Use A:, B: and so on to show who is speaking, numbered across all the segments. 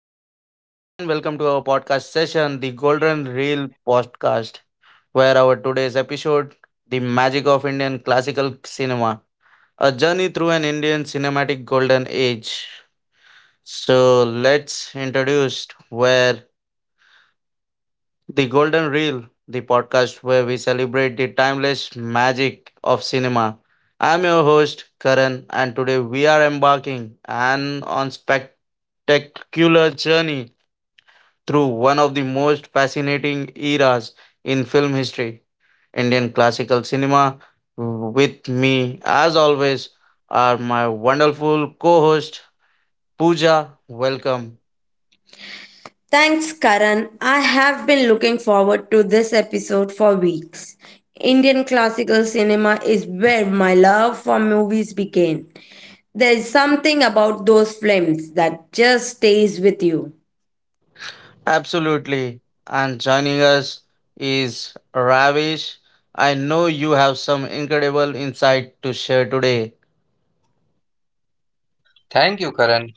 A: So, hello and welcome to our podcast session, the Golden Reel podcast, where our today's episode, The Magic of Indian Classical Cinema, a journey through an Indian cinematic golden age. So, let's introduce where the Golden Reel, the podcast where we celebrate the timeless magic of cinema. I'm your host, Karan, and today we are embarking an on spectacular journey through one of the most fascinating eras in film history, Indian classical cinema. With me, as always, are my wonderful co host, Pooja. Welcome.
B: Thanks, Karan. I have been looking forward to this episode for weeks. Indian classical cinema is where my love for movies began. There's something about those films that just stays with you.
A: Absolutely. And joining us is Ravish. I know you have some incredible insight to share today.
C: Thank you, Karan.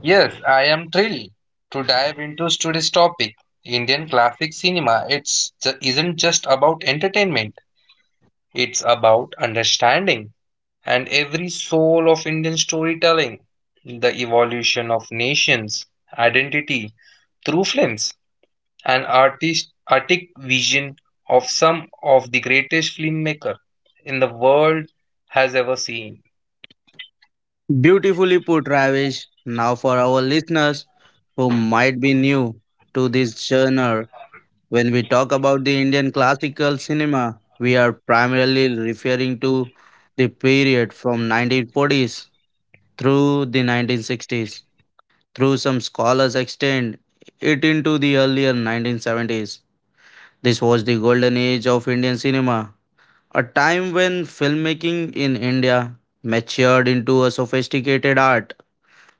C: Yes, I am thrilled to dive into today's topic. Indian classic cinema isn't just about entertainment. It's about understanding and every soul of Indian storytelling, the evolution of nations, identity through films, and artistic vision of some of the greatest filmmaker in the world has ever seen.
A: Beautifully put, Ravish. Now, for our listeners who might be new to this genre, when we talk about the Indian classical cinema, we are primarily referring to the period from 1940s through the 1960s. Through some scholars extend it into the earlier 1970s. This was the golden age of Indian cinema, a time when filmmaking in India matured into a sophisticated art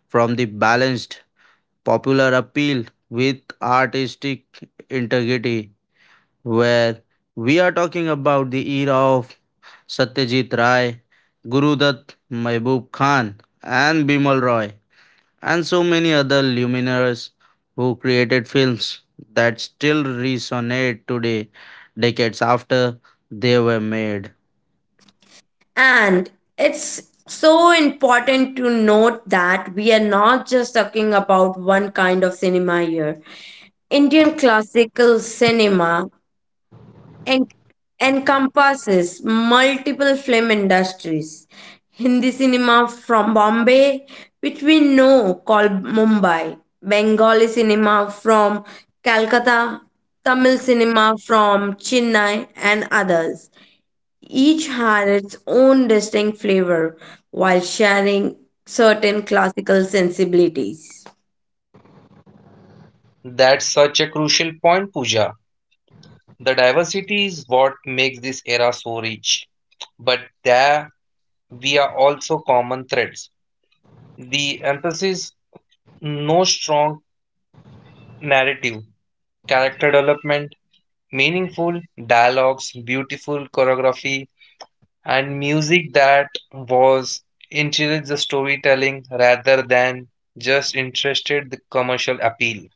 A: from the balanced popular appeal with artistic integrity where we are talking about the era of Satyajit Ray, Guru Dutt, Mehboob Khan, and Bimal Roy, and so many other luminaries who created films that still resonate today, decades after they were made.
B: And it's so important to note that we are not just talking about one kind of cinema here. Indian classical cinema en- encompasses multiple film industries. Hindi cinema from Bombay, which we know called Mumbai, Bengali cinema from Calcutta, Tamil cinema from Chennai, and others. Each had its own distinct flavor while sharing certain classical sensibilities.
C: That's such a crucial point, Pooja. The diversity is what makes this era so rich. But there we are also common threads. The emphasis, no strong narrative, character development, meaningful dialogues, beautiful choreography, and music that was encouraged the storytelling rather than just interested the commercial appeal.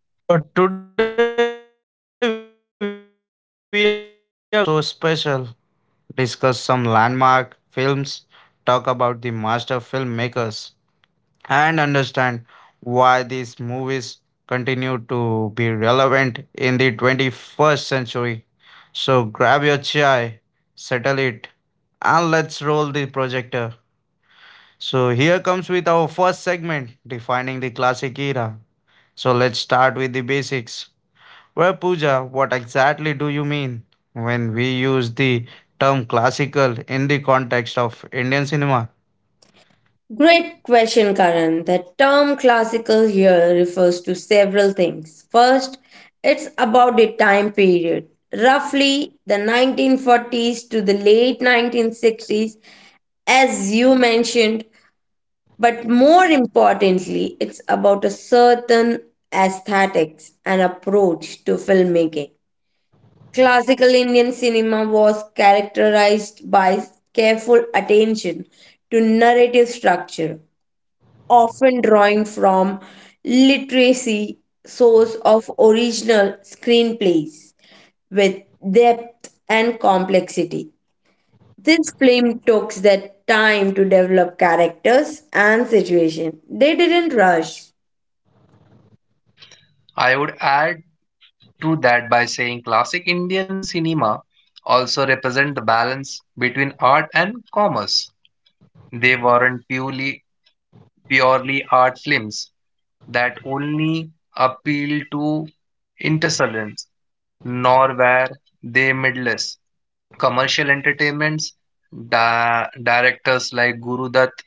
A: So today we are going to explore what made this era so special, discuss some landmark films, talk about the master filmmakers and understand why these movies continue to be relevant in the 21st century. So grab your chai, settle it, and let's roll the projector. So here comes with our first segment defining the classic era. So let's start with the basics. Well, Pooja, what exactly do you mean when we use the term classical in the context of Indian cinema?
B: Great question, Karan. The term classical here refers to several things. First, it's about the time period, roughly the 1940s to the late 1960s, as you mentioned, but more importantly, it's about a certain aesthetics and approach to filmmaking. Classical Indian cinema was characterized by careful attention to narrative structure often drawing from literacy source of original screenplays with depth and complexity. This film took the time to develop characters and situation. They didn't rush.
C: I would add to that by saying classic Indian cinema also represent the balance between art and commerce. They weren't purely art films that only appeal to intersulents, nor were they midless. Commercial entertainments, directors like Guru Dutt,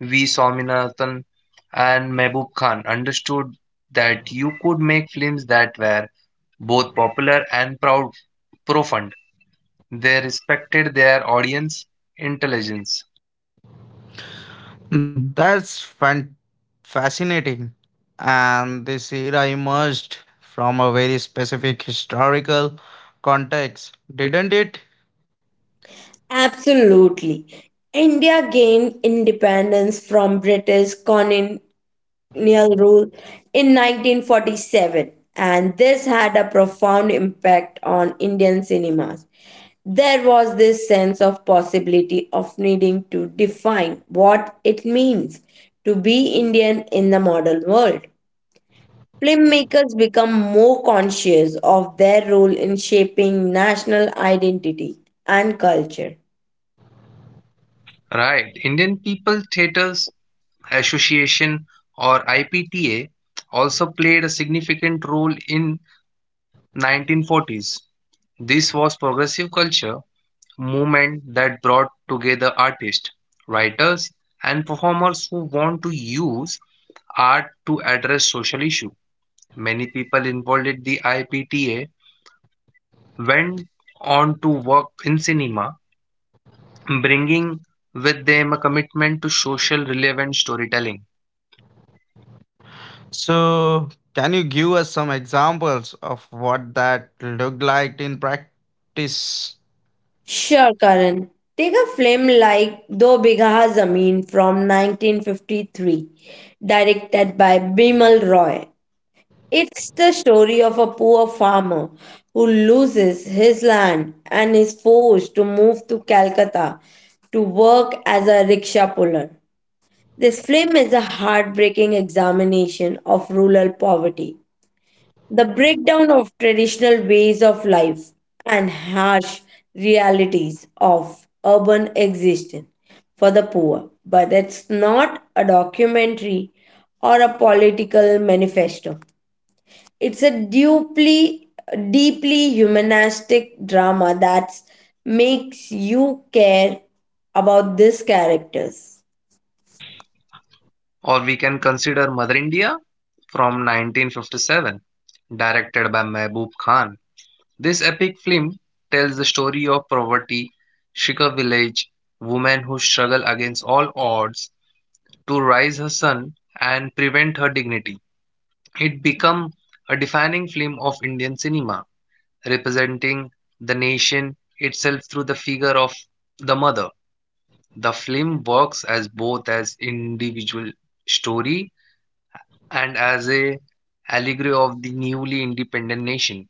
C: V. Swaminathan, and Mehboob Khan understood that you could make films that were both popular and profound. They respected their audience intelligence.
A: That's fan- fascinating. And this era emerged from a very specific historical context, didn't it?
B: Absolutely. India gained independence from British colonial rule in 1947, and this had a profound impact on Indian cinemas. There was this sense of possibility of needing to define what it means to be Indian in the modern world. Filmmakers become more conscious of their role in shaping national identity and culture.
C: Right. Indian people theaters Association or IPTA also played a significant role in 1940s. This was progressive culture movement that brought together artists, writers and performers who want to use art to address social issue. Many people involved in the IPTA went on to work in cinema, bringing with them a commitment to social relevant storytelling.
A: So, can you give us some examples of what that looked like in practice?
B: Sure, Karan. Take a film like Do Bigha Zameen from 1953, directed by Bimal Roy. It's the story of a poor farmer who loses his land and is forced to move to Calcutta to work as a rickshaw puller. This film is a heartbreaking examination of rural poverty, the breakdown of traditional ways of life, and harsh realities of urban existence for the poor. But it's not a documentary or a political manifesto. It's a deeply, deeply humanistic drama that makes you care about these characters.
C: Or we can consider Mother India from 1957, directed by Mehboob Khan. This epic film tells the story of poverty Shikar village woman who struggle against all odds to raise her son and prevent her dignity. It became a defining film of Indian cinema, representing the nation itself through the figure of the mother. The film works as both as individual story and as a allegory of the newly independent nation.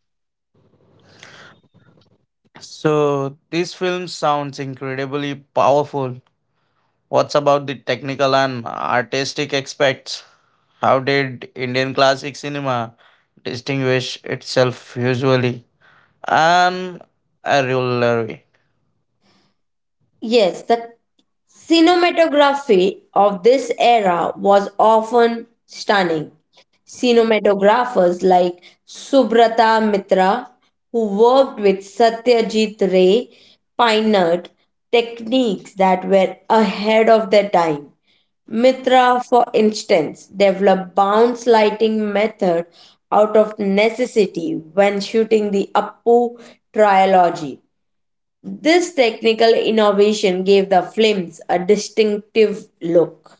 A: So, this film sounds incredibly powerful. What's about the technical and artistic aspects? How did Indian classic cinema distinguish itself usually? And a jewelry.
B: Yes, the cinematography of this era was often stunning. Cinematographers like Subrata Mitra, who worked with Satyajit Ray, pioneered techniques that were ahead of their time. Mitra, for instance, developed bounce lighting method out of necessity when shooting the Appu trilogy. This technical innovation gave the films a distinctive look.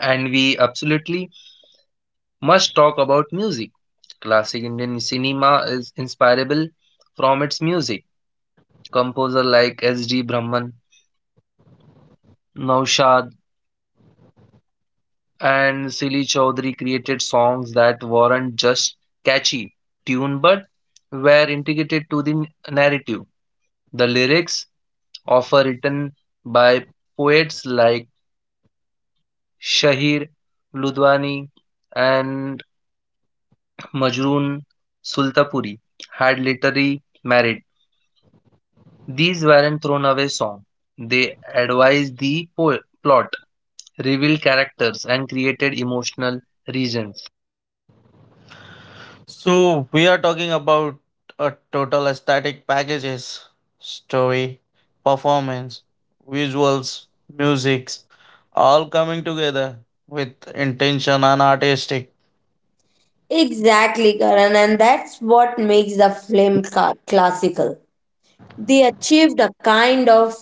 C: And we absolutely must talk about music. Classic Indian cinema is inspirable from its music. Composer like S.D. Brahman, Naushad, and Sili Chaudhary created songs that weren't just catchy tune but were integrated to the narrative. The lyrics, often written by poets like Shahir Ludwani, and Majroon Sultapuri had literally married. These weren't thrown away songs. They advised the plot, revealed characters, and created emotional reasons.
A: So we are talking about a total aesthetic packages, story, performance, visuals, musics, all coming together with intention and artistic.
B: Exactly, Karan, and that's what makes the film classical. They achieved a kind of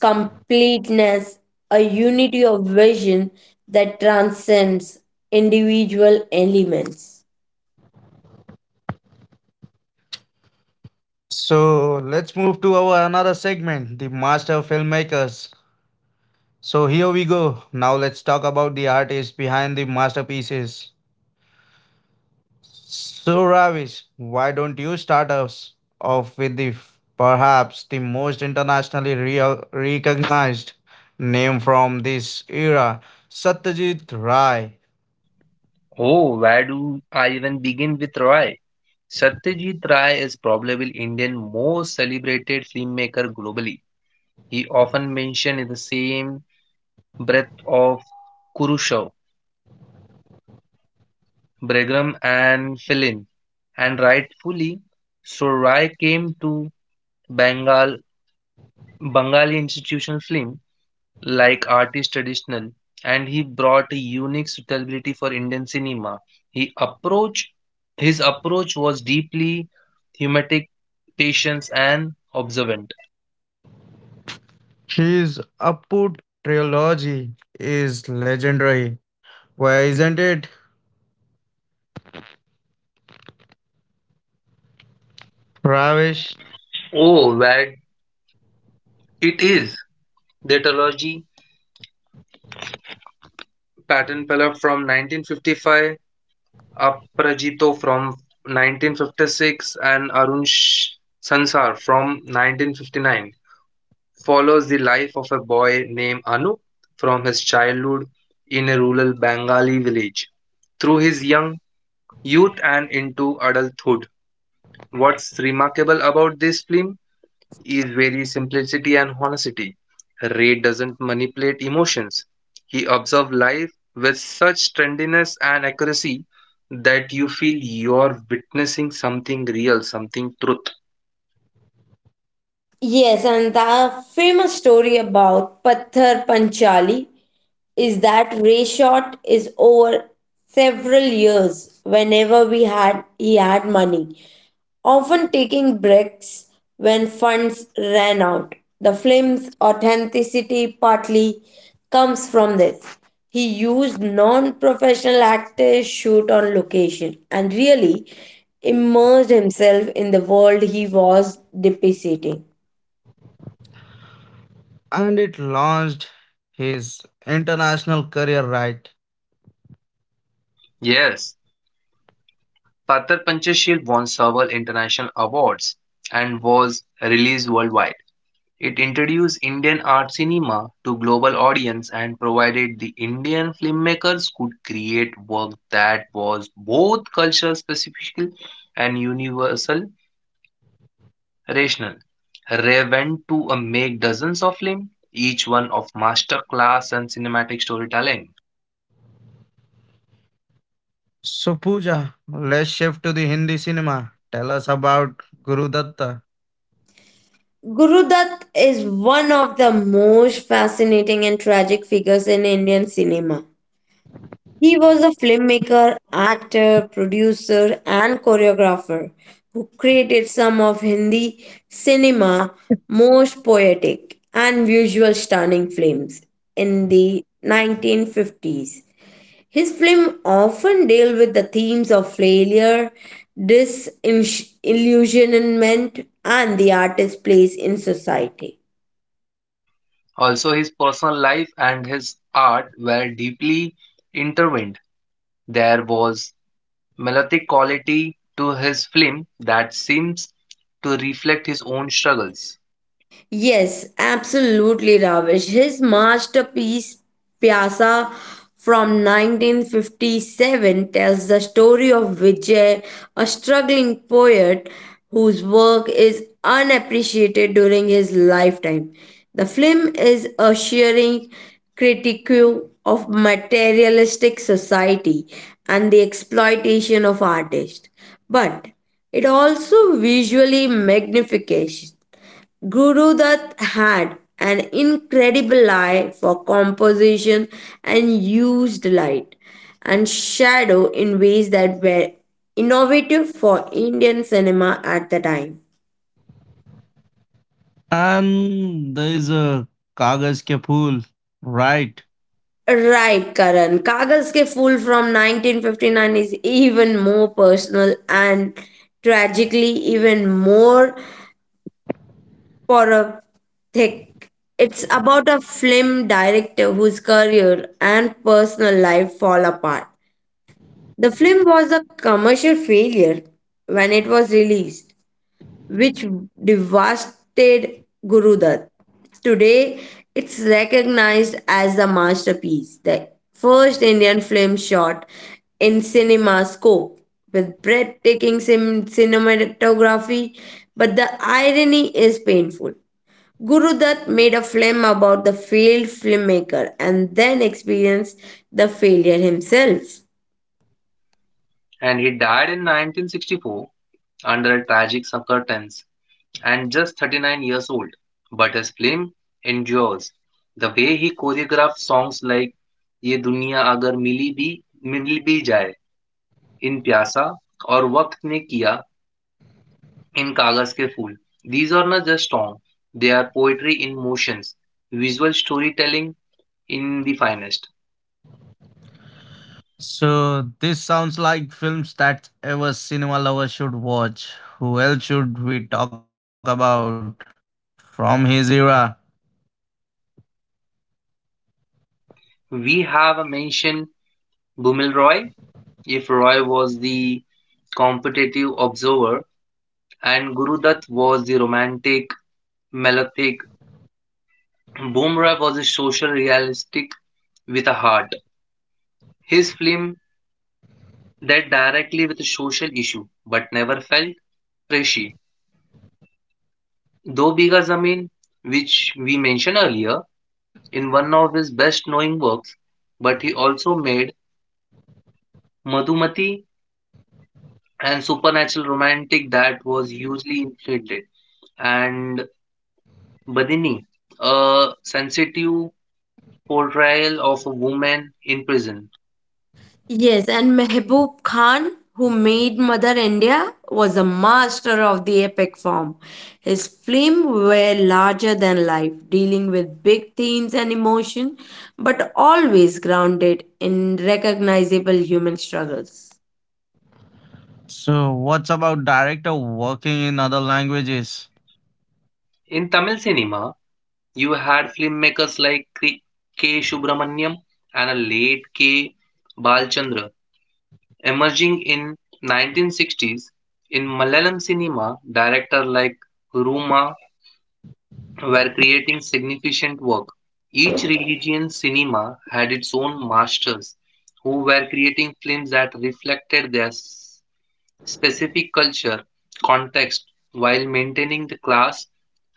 B: completeness, a unity of vision that transcends individual elements.
A: So let's move to our another segment, the master filmmakers. So here we go. Now let's talk about the artists behind the masterpieces. So, Ravish, why don't you start us off with perhaps the most internationally recognized name from this era, Satyajit Ray.
C: Oh, where do I even begin with Roy? Satyajit Ray is probably Indian most celebrated filmmaker globally. He often mentioned in the same breath of Khrushchev, Bregram and Filin, and rightfully so Ray came to Bengal, Bengali institutional film like art is traditional and he brought a unique suitability for Indian cinema. He approach His approach was deeply thematic, patient and observant.
A: His Appu trilogy is legendary. Why isn't it, Ravish?
C: Oh, where it is the trilogy Pattern Pella from 1955, Aprajito from 1956 and Sansar from 1959. Follows the life of a boy named Anu from his childhood in a rural Bengali village through his young youth and into adulthood. What's remarkable about this film is very simplicity and honesty. Ray doesn't manipulate emotions. He observes life with such tenderness and accuracy that you feel you're witnessing something real, something truth.
B: Yes, and the famous story about Patthar Panchali is that Ray shot is over several years whenever we had he had money, often taking breaks when funds ran out. The film's authenticity partly comes from this. He used non-professional actors, shoot on location, and really immersed himself in the world he was depicting.
A: And it launched his international career right.
C: Yes, Sattar Panchasheel won several international awards and was released worldwide. It introduced Indian art cinema to global audience and provided the Indian filmmakers could create work that was both cultural specific and universal rational. Ray went to make dozens of films, each one of master class and cinematic storytelling.
A: So, Pooja, let's shift to the Hindi cinema. Tell us about Guru Datta.
B: Gurudutt is one of the most fascinating and tragic figures in Indian cinema. He was a filmmaker, actor, producer, and choreographer who created some of Hindi cinema most poetic and visual stunning films in the 1950s. His films often deal with the themes of failure, disillusionment, and the artist's place in society.
C: Also, his personal life and his art were deeply intertwined. There was melodic quality to his film that seems to reflect his own struggles.
B: Yes, absolutely, Ravish. His masterpiece, Pyasa, from 1957, tells the story of Vijay, a struggling poet whose work is unappreciated during his lifetime. The film is a shearing critique of materialistic society and the exploitation of artists, but it also visually magnification Guru Dutt had an incredible eye for composition and used light and shadow in ways that were innovative for Indian cinema at the time.
A: And there's a Kagas ke Phool, right?
B: Right, Karan. Kagas Ke Fool from 1959 is even more personal and tragically even more porothic. It's about a film director whose career and personal life fall apart. The film was a commercial failure when it was released, which devastated Guru Dutt. Today, it's recognized as the masterpiece, the first Indian film shot in cinema scope with breathtaking cinematography. But the irony is painful. Guru Dutt made a film about the failed filmmaker and then experienced the failure himself.
C: And he died in 1964 under tragic circumstances and just 39 years old. But his film endures. The way he choreographed songs like ये दुनिया अगर मिली भी मिल भी जाए इन प्यासा और वक्त ने किया इन कागज के फूल, these are not just songs; they are poetry in motions, visual storytelling in the finest.
A: So this sounds like films that ever cinema lover should watch. Who else should we talk about from his era?
C: We have mentioned mention Bhumilroy, if Roy was the competitive observer and Gurudutt was the romantic, melodic. Bhumilroy was a social realistic with a heart. His film dealt directly with a social issue but never felt preachy. Do Biga Zameen, which we mentioned earlier, in one of his best knowing works, but he also made Madhumati and supernatural romantic that was hugely inflated, and Badini, a sensitive portrayal of a woman in prison.
B: Yes, and Mehboob Khan, who made Mother India, was a master of the epic form. His films were larger than life, dealing with big themes and emotion, but always grounded in recognizable human struggles.
A: So what's about director working in other languages?
C: In Tamil cinema, you had filmmakers like K. K. Subramaniam and a late K. Balchandra emerging in 1960s. In Malayalam cinema, directors like Ruma were creating significant work. Each religion cinema had its own masters who were creating films that reflected their specific culture context while maintaining the class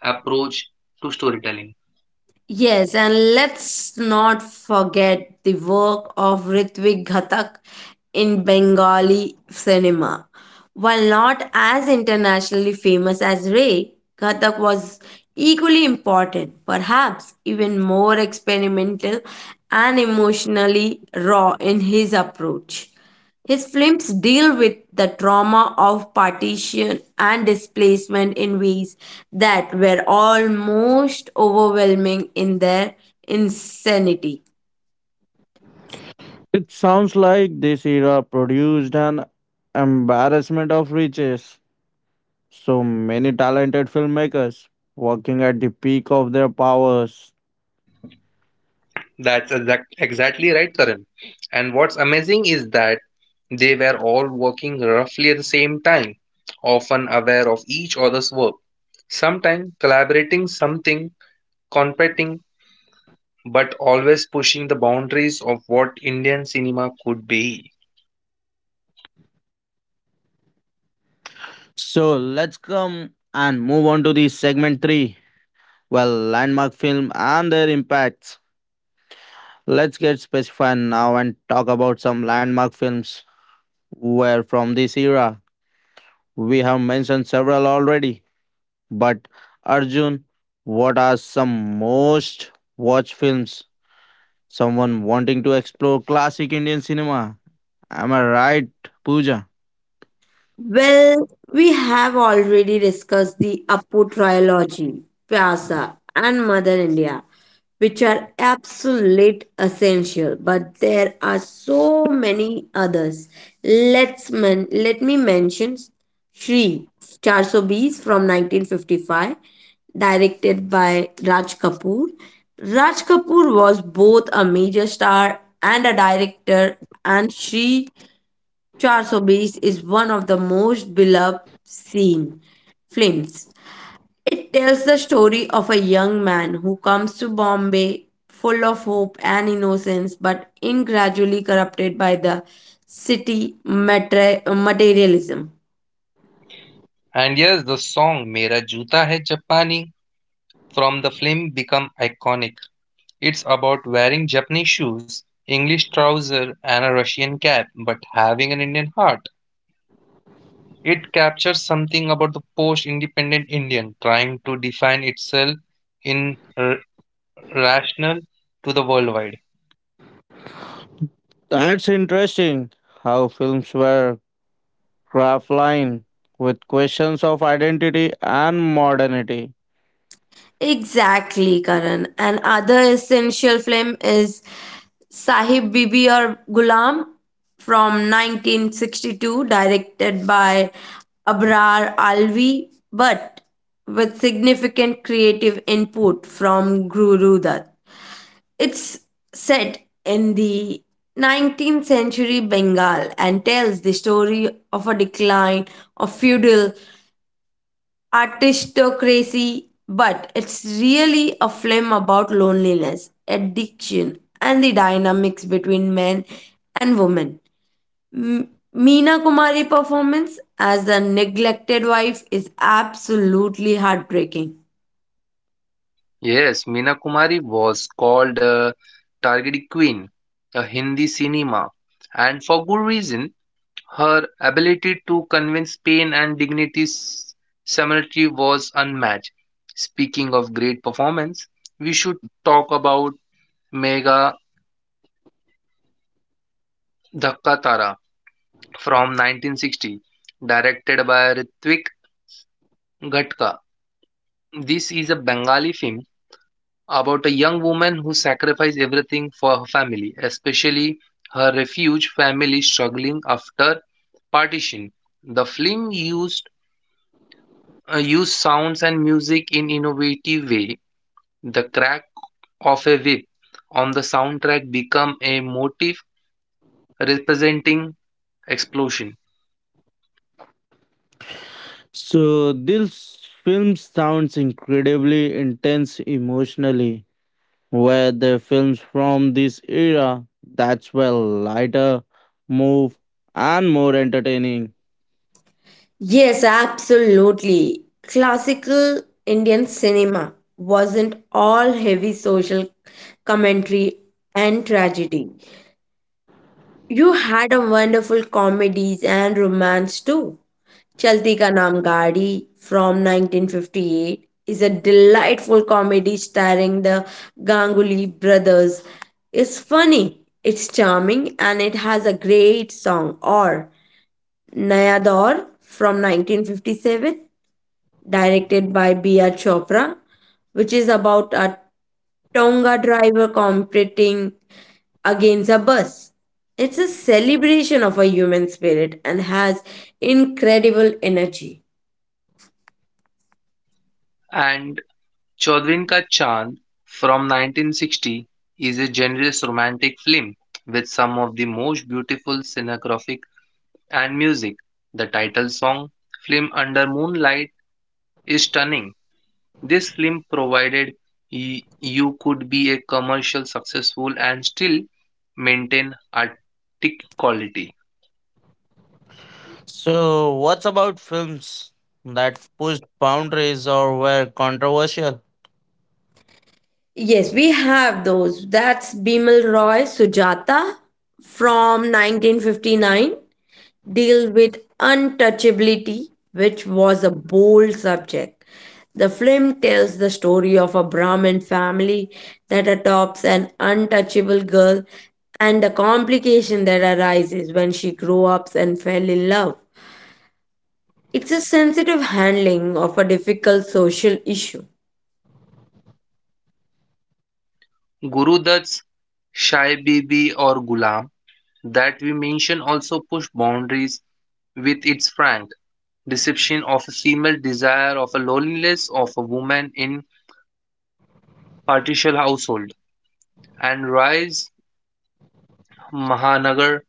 C: approach to storytelling.
B: Yes, and let's not forget the work of Ritwik Ghatak in Bengali cinema. While not as internationally famous as Ray, Ghatak was equally important, perhaps even more experimental and emotionally raw in his approach. His films deal with the trauma of partition and displacement in ways that were almost overwhelming in their insanity.
A: It sounds like this era produced an embarrassment of riches. So many talented filmmakers working at the peak of their powers.
C: That's exactly right, Karan. And what's amazing is that they were all working roughly at the same time, often aware of each other's work, sometimes collaborating something, competing, but always pushing the boundaries of what Indian cinema could be.
A: So let's come and move on to the segment three. Well, landmark film and their impacts. Let's get specified now and talk about some landmark films were from this era. We have mentioned several already, but Arjun, what are some most watched films? Someone wanting to explore classic Indian cinema. Am I right, Pooja?
B: Well, we have already discussed the Appu trilogy, Pyasa, and Mother India, which are absolute essential, but there are so many others. Let me mention Shri 420 from 1955, directed by Raj Kapoor. Raj Kapoor was both a major star and a director, and Shri Charsobis is one of the most beloved scene films. It tells the story of a young man who comes to Bombay full of hope and innocence but in gradually corrupted by the city materialism.
C: And yes, the song Mera Juta Hai Japani from the film became iconic. It's about wearing Japanese shoes, English trouser, and a Russian cap, but having an Indian heart. It captures something about the post independent Indian trying to define itself in rational to the worldwide.
A: That's interesting. How films were craft line with questions of identity and modernity.
B: Exactly, Karan. And other essential film is Sahib Bibi or Gulam from 1962, directed by Abrar Alvi, but with significant creative input from Guru Dutt. It's set in the 19th century Bengal and tells the story of a decline of feudal artistocracy, but it's really a film about loneliness, addiction, and the dynamics between men and women. M- Meena Kumari performance as the neglected wife is absolutely heartbreaking.
C: Yes, Meena Kumari was called a targeted queen, a Hindi cinema, and for good reason. Her ability to convince pain and dignity's similarity was unmatched. Speaking of great performance, we should talk about Mega Dhakka Tara from 1960, directed by Ritwik Ghatka. This is a Bengali film about a young woman who sacrificed everything for her family, especially her refuge family struggling after partition. The film used use sounds and music in innovative way. The crack of a whip on the soundtrack become a motif representing explosion.
A: So this film sounds incredibly intense emotionally, where the films from this era that's well lighter, move and more entertaining.
B: Yes, absolutely. Classical Indian cinema wasn't all heavy social commentary and tragedy. You had a wonderful comedies and romance too. Chalti Ka Naam Gaadi from 1958 is a delightful comedy starring the Ganguly brothers. It's funny, it's charming, and it has a great song. Or Naya Daur from 1957, directed by B.R. Chopra, which is about a Tonga driver competing against a bus. It's a celebration of a human spirit and has incredible energy.
C: And Chaudhwin Ka Chand from 1960 is a generous romantic film with some of the most beautiful cinematographic and music. The title song, Film Under Moonlight, is stunning. This film provided you could be a commercial successful and still maintain artistic quality.
A: So what's about films that pushed boundaries or were controversial?
B: Yes, we have those. That's Bimal Roy Sujata from 1959, deal with untouchability, which was a bold subject. The film tells the story of a Brahmin family that adopts an untouchable girl and the complication that arises when she grew up and fell in love. It's a sensitive handling of a difficult social issue.
C: Guru Dutt's Shai Bibi or Gulam that we mention also pushed boundaries with its frank deception of a female desire of a loneliness of a woman in partial household and rise mahanagar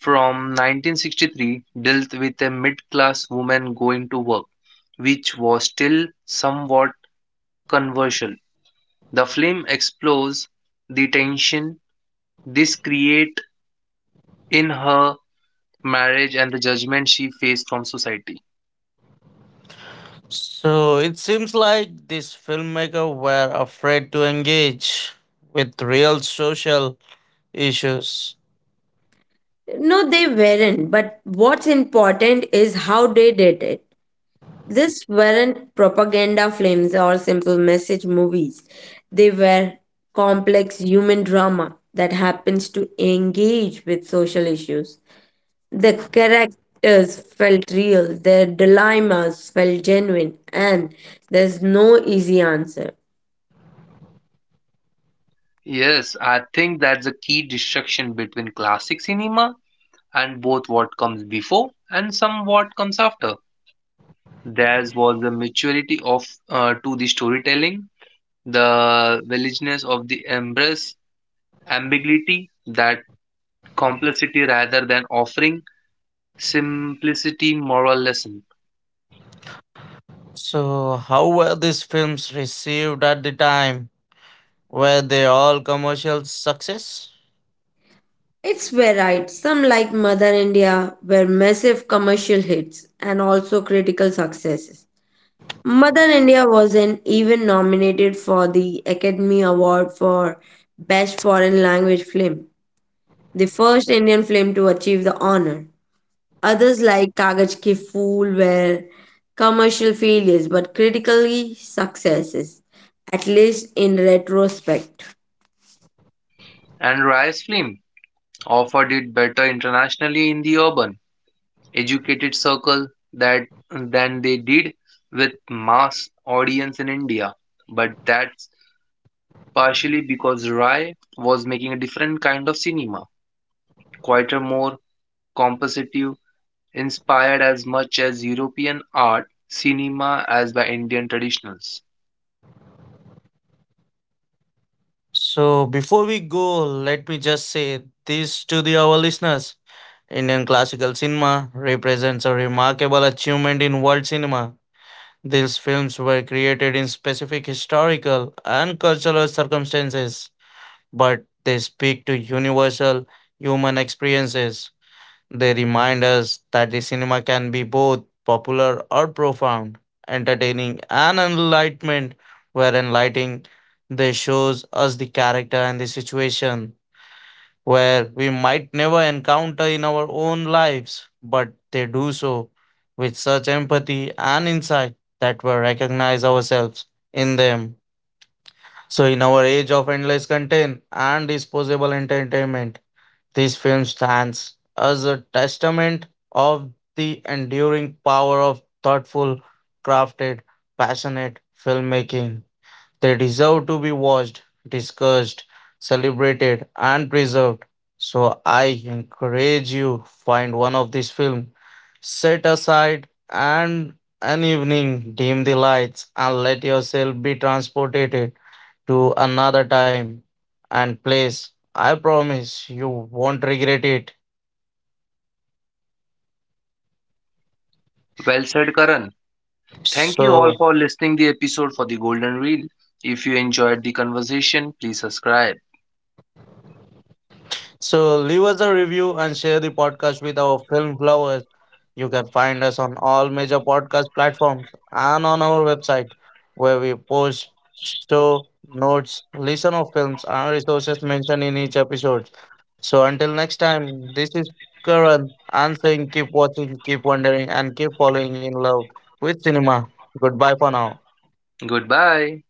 C: from 1963 dealt with a mid class woman going to work, which was still somewhat controversial. The film explores the tension this create in her marriage and the judgment she faced from society.
A: So it seems like these filmmakers were afraid to engage with real social issues.
B: No, they weren't, but what's important is how they did it. These weren't propaganda films or simple message movies. They were complex human drama that happens to engage with social issues. The characters felt real, their dilemmas felt genuine, and there's no easy answer.
C: Yes, I think that's a key distinction between classic cinema and both what comes before and some what comes after. There was a maturity of to the storytelling the villageness of the embrace ambiguity that complexity rather than offering simplicity moral lesson
A: So, how were these films received at the time? Were they all commercial success?
B: It's varied. Some like Mother India were massive commercial hits and also critical successes. Mother India was an even nominated for the Academy Award for Best Foreign Language Film, the first Indian film to achieve the honor. Others like Kagaj Ki Fool were commercial failures but critically successes, at least in retrospect.
C: and rise film offered it better internationally in the urban educated circle that than they did with mass audience in india but that's partially because rai was making a different kind of cinema quieter more compositive inspired as much as European art, cinema as by Indian traditionals.
A: So, before we go, let me just say this to the our listeners. Indian classical cinema represents a remarkable achievement in world cinema. These films were created in specific historical and cultural circumstances, but they speak to universal human experiences. They remind us that the cinema can be both popular or profound, entertaining and enlightenment, where enlightening they shows us the character and the situation where we might never encounter in our own lives, but they do so with such empathy and insight that we recognize ourselves in them. So in our age of endless content and disposable entertainment, this film stands as a testament of the enduring power of thoughtful, crafted, passionate filmmaking. They deserve to be watched, discussed, celebrated, and preserved. So I encourage you find one of these films, set aside and an evening, dim the lights, and let yourself be transported to another time and place. I promise you won't regret it.
C: Well said, Karan. Thank you all
A: So,
C: for listening the episode for the Golden Reel. If you enjoyed the conversation, please subscribe.
A: so leave us a review and share the podcast with our film lovers. You can find us on all major podcast platforms and on our website, where we post show notes, listen of films, and resources mentioned in each episode. So until next time, this is Karan and saying keep watching, keep wondering, and keep falling in love with cinema. Goodbye for now.
C: Goodbye.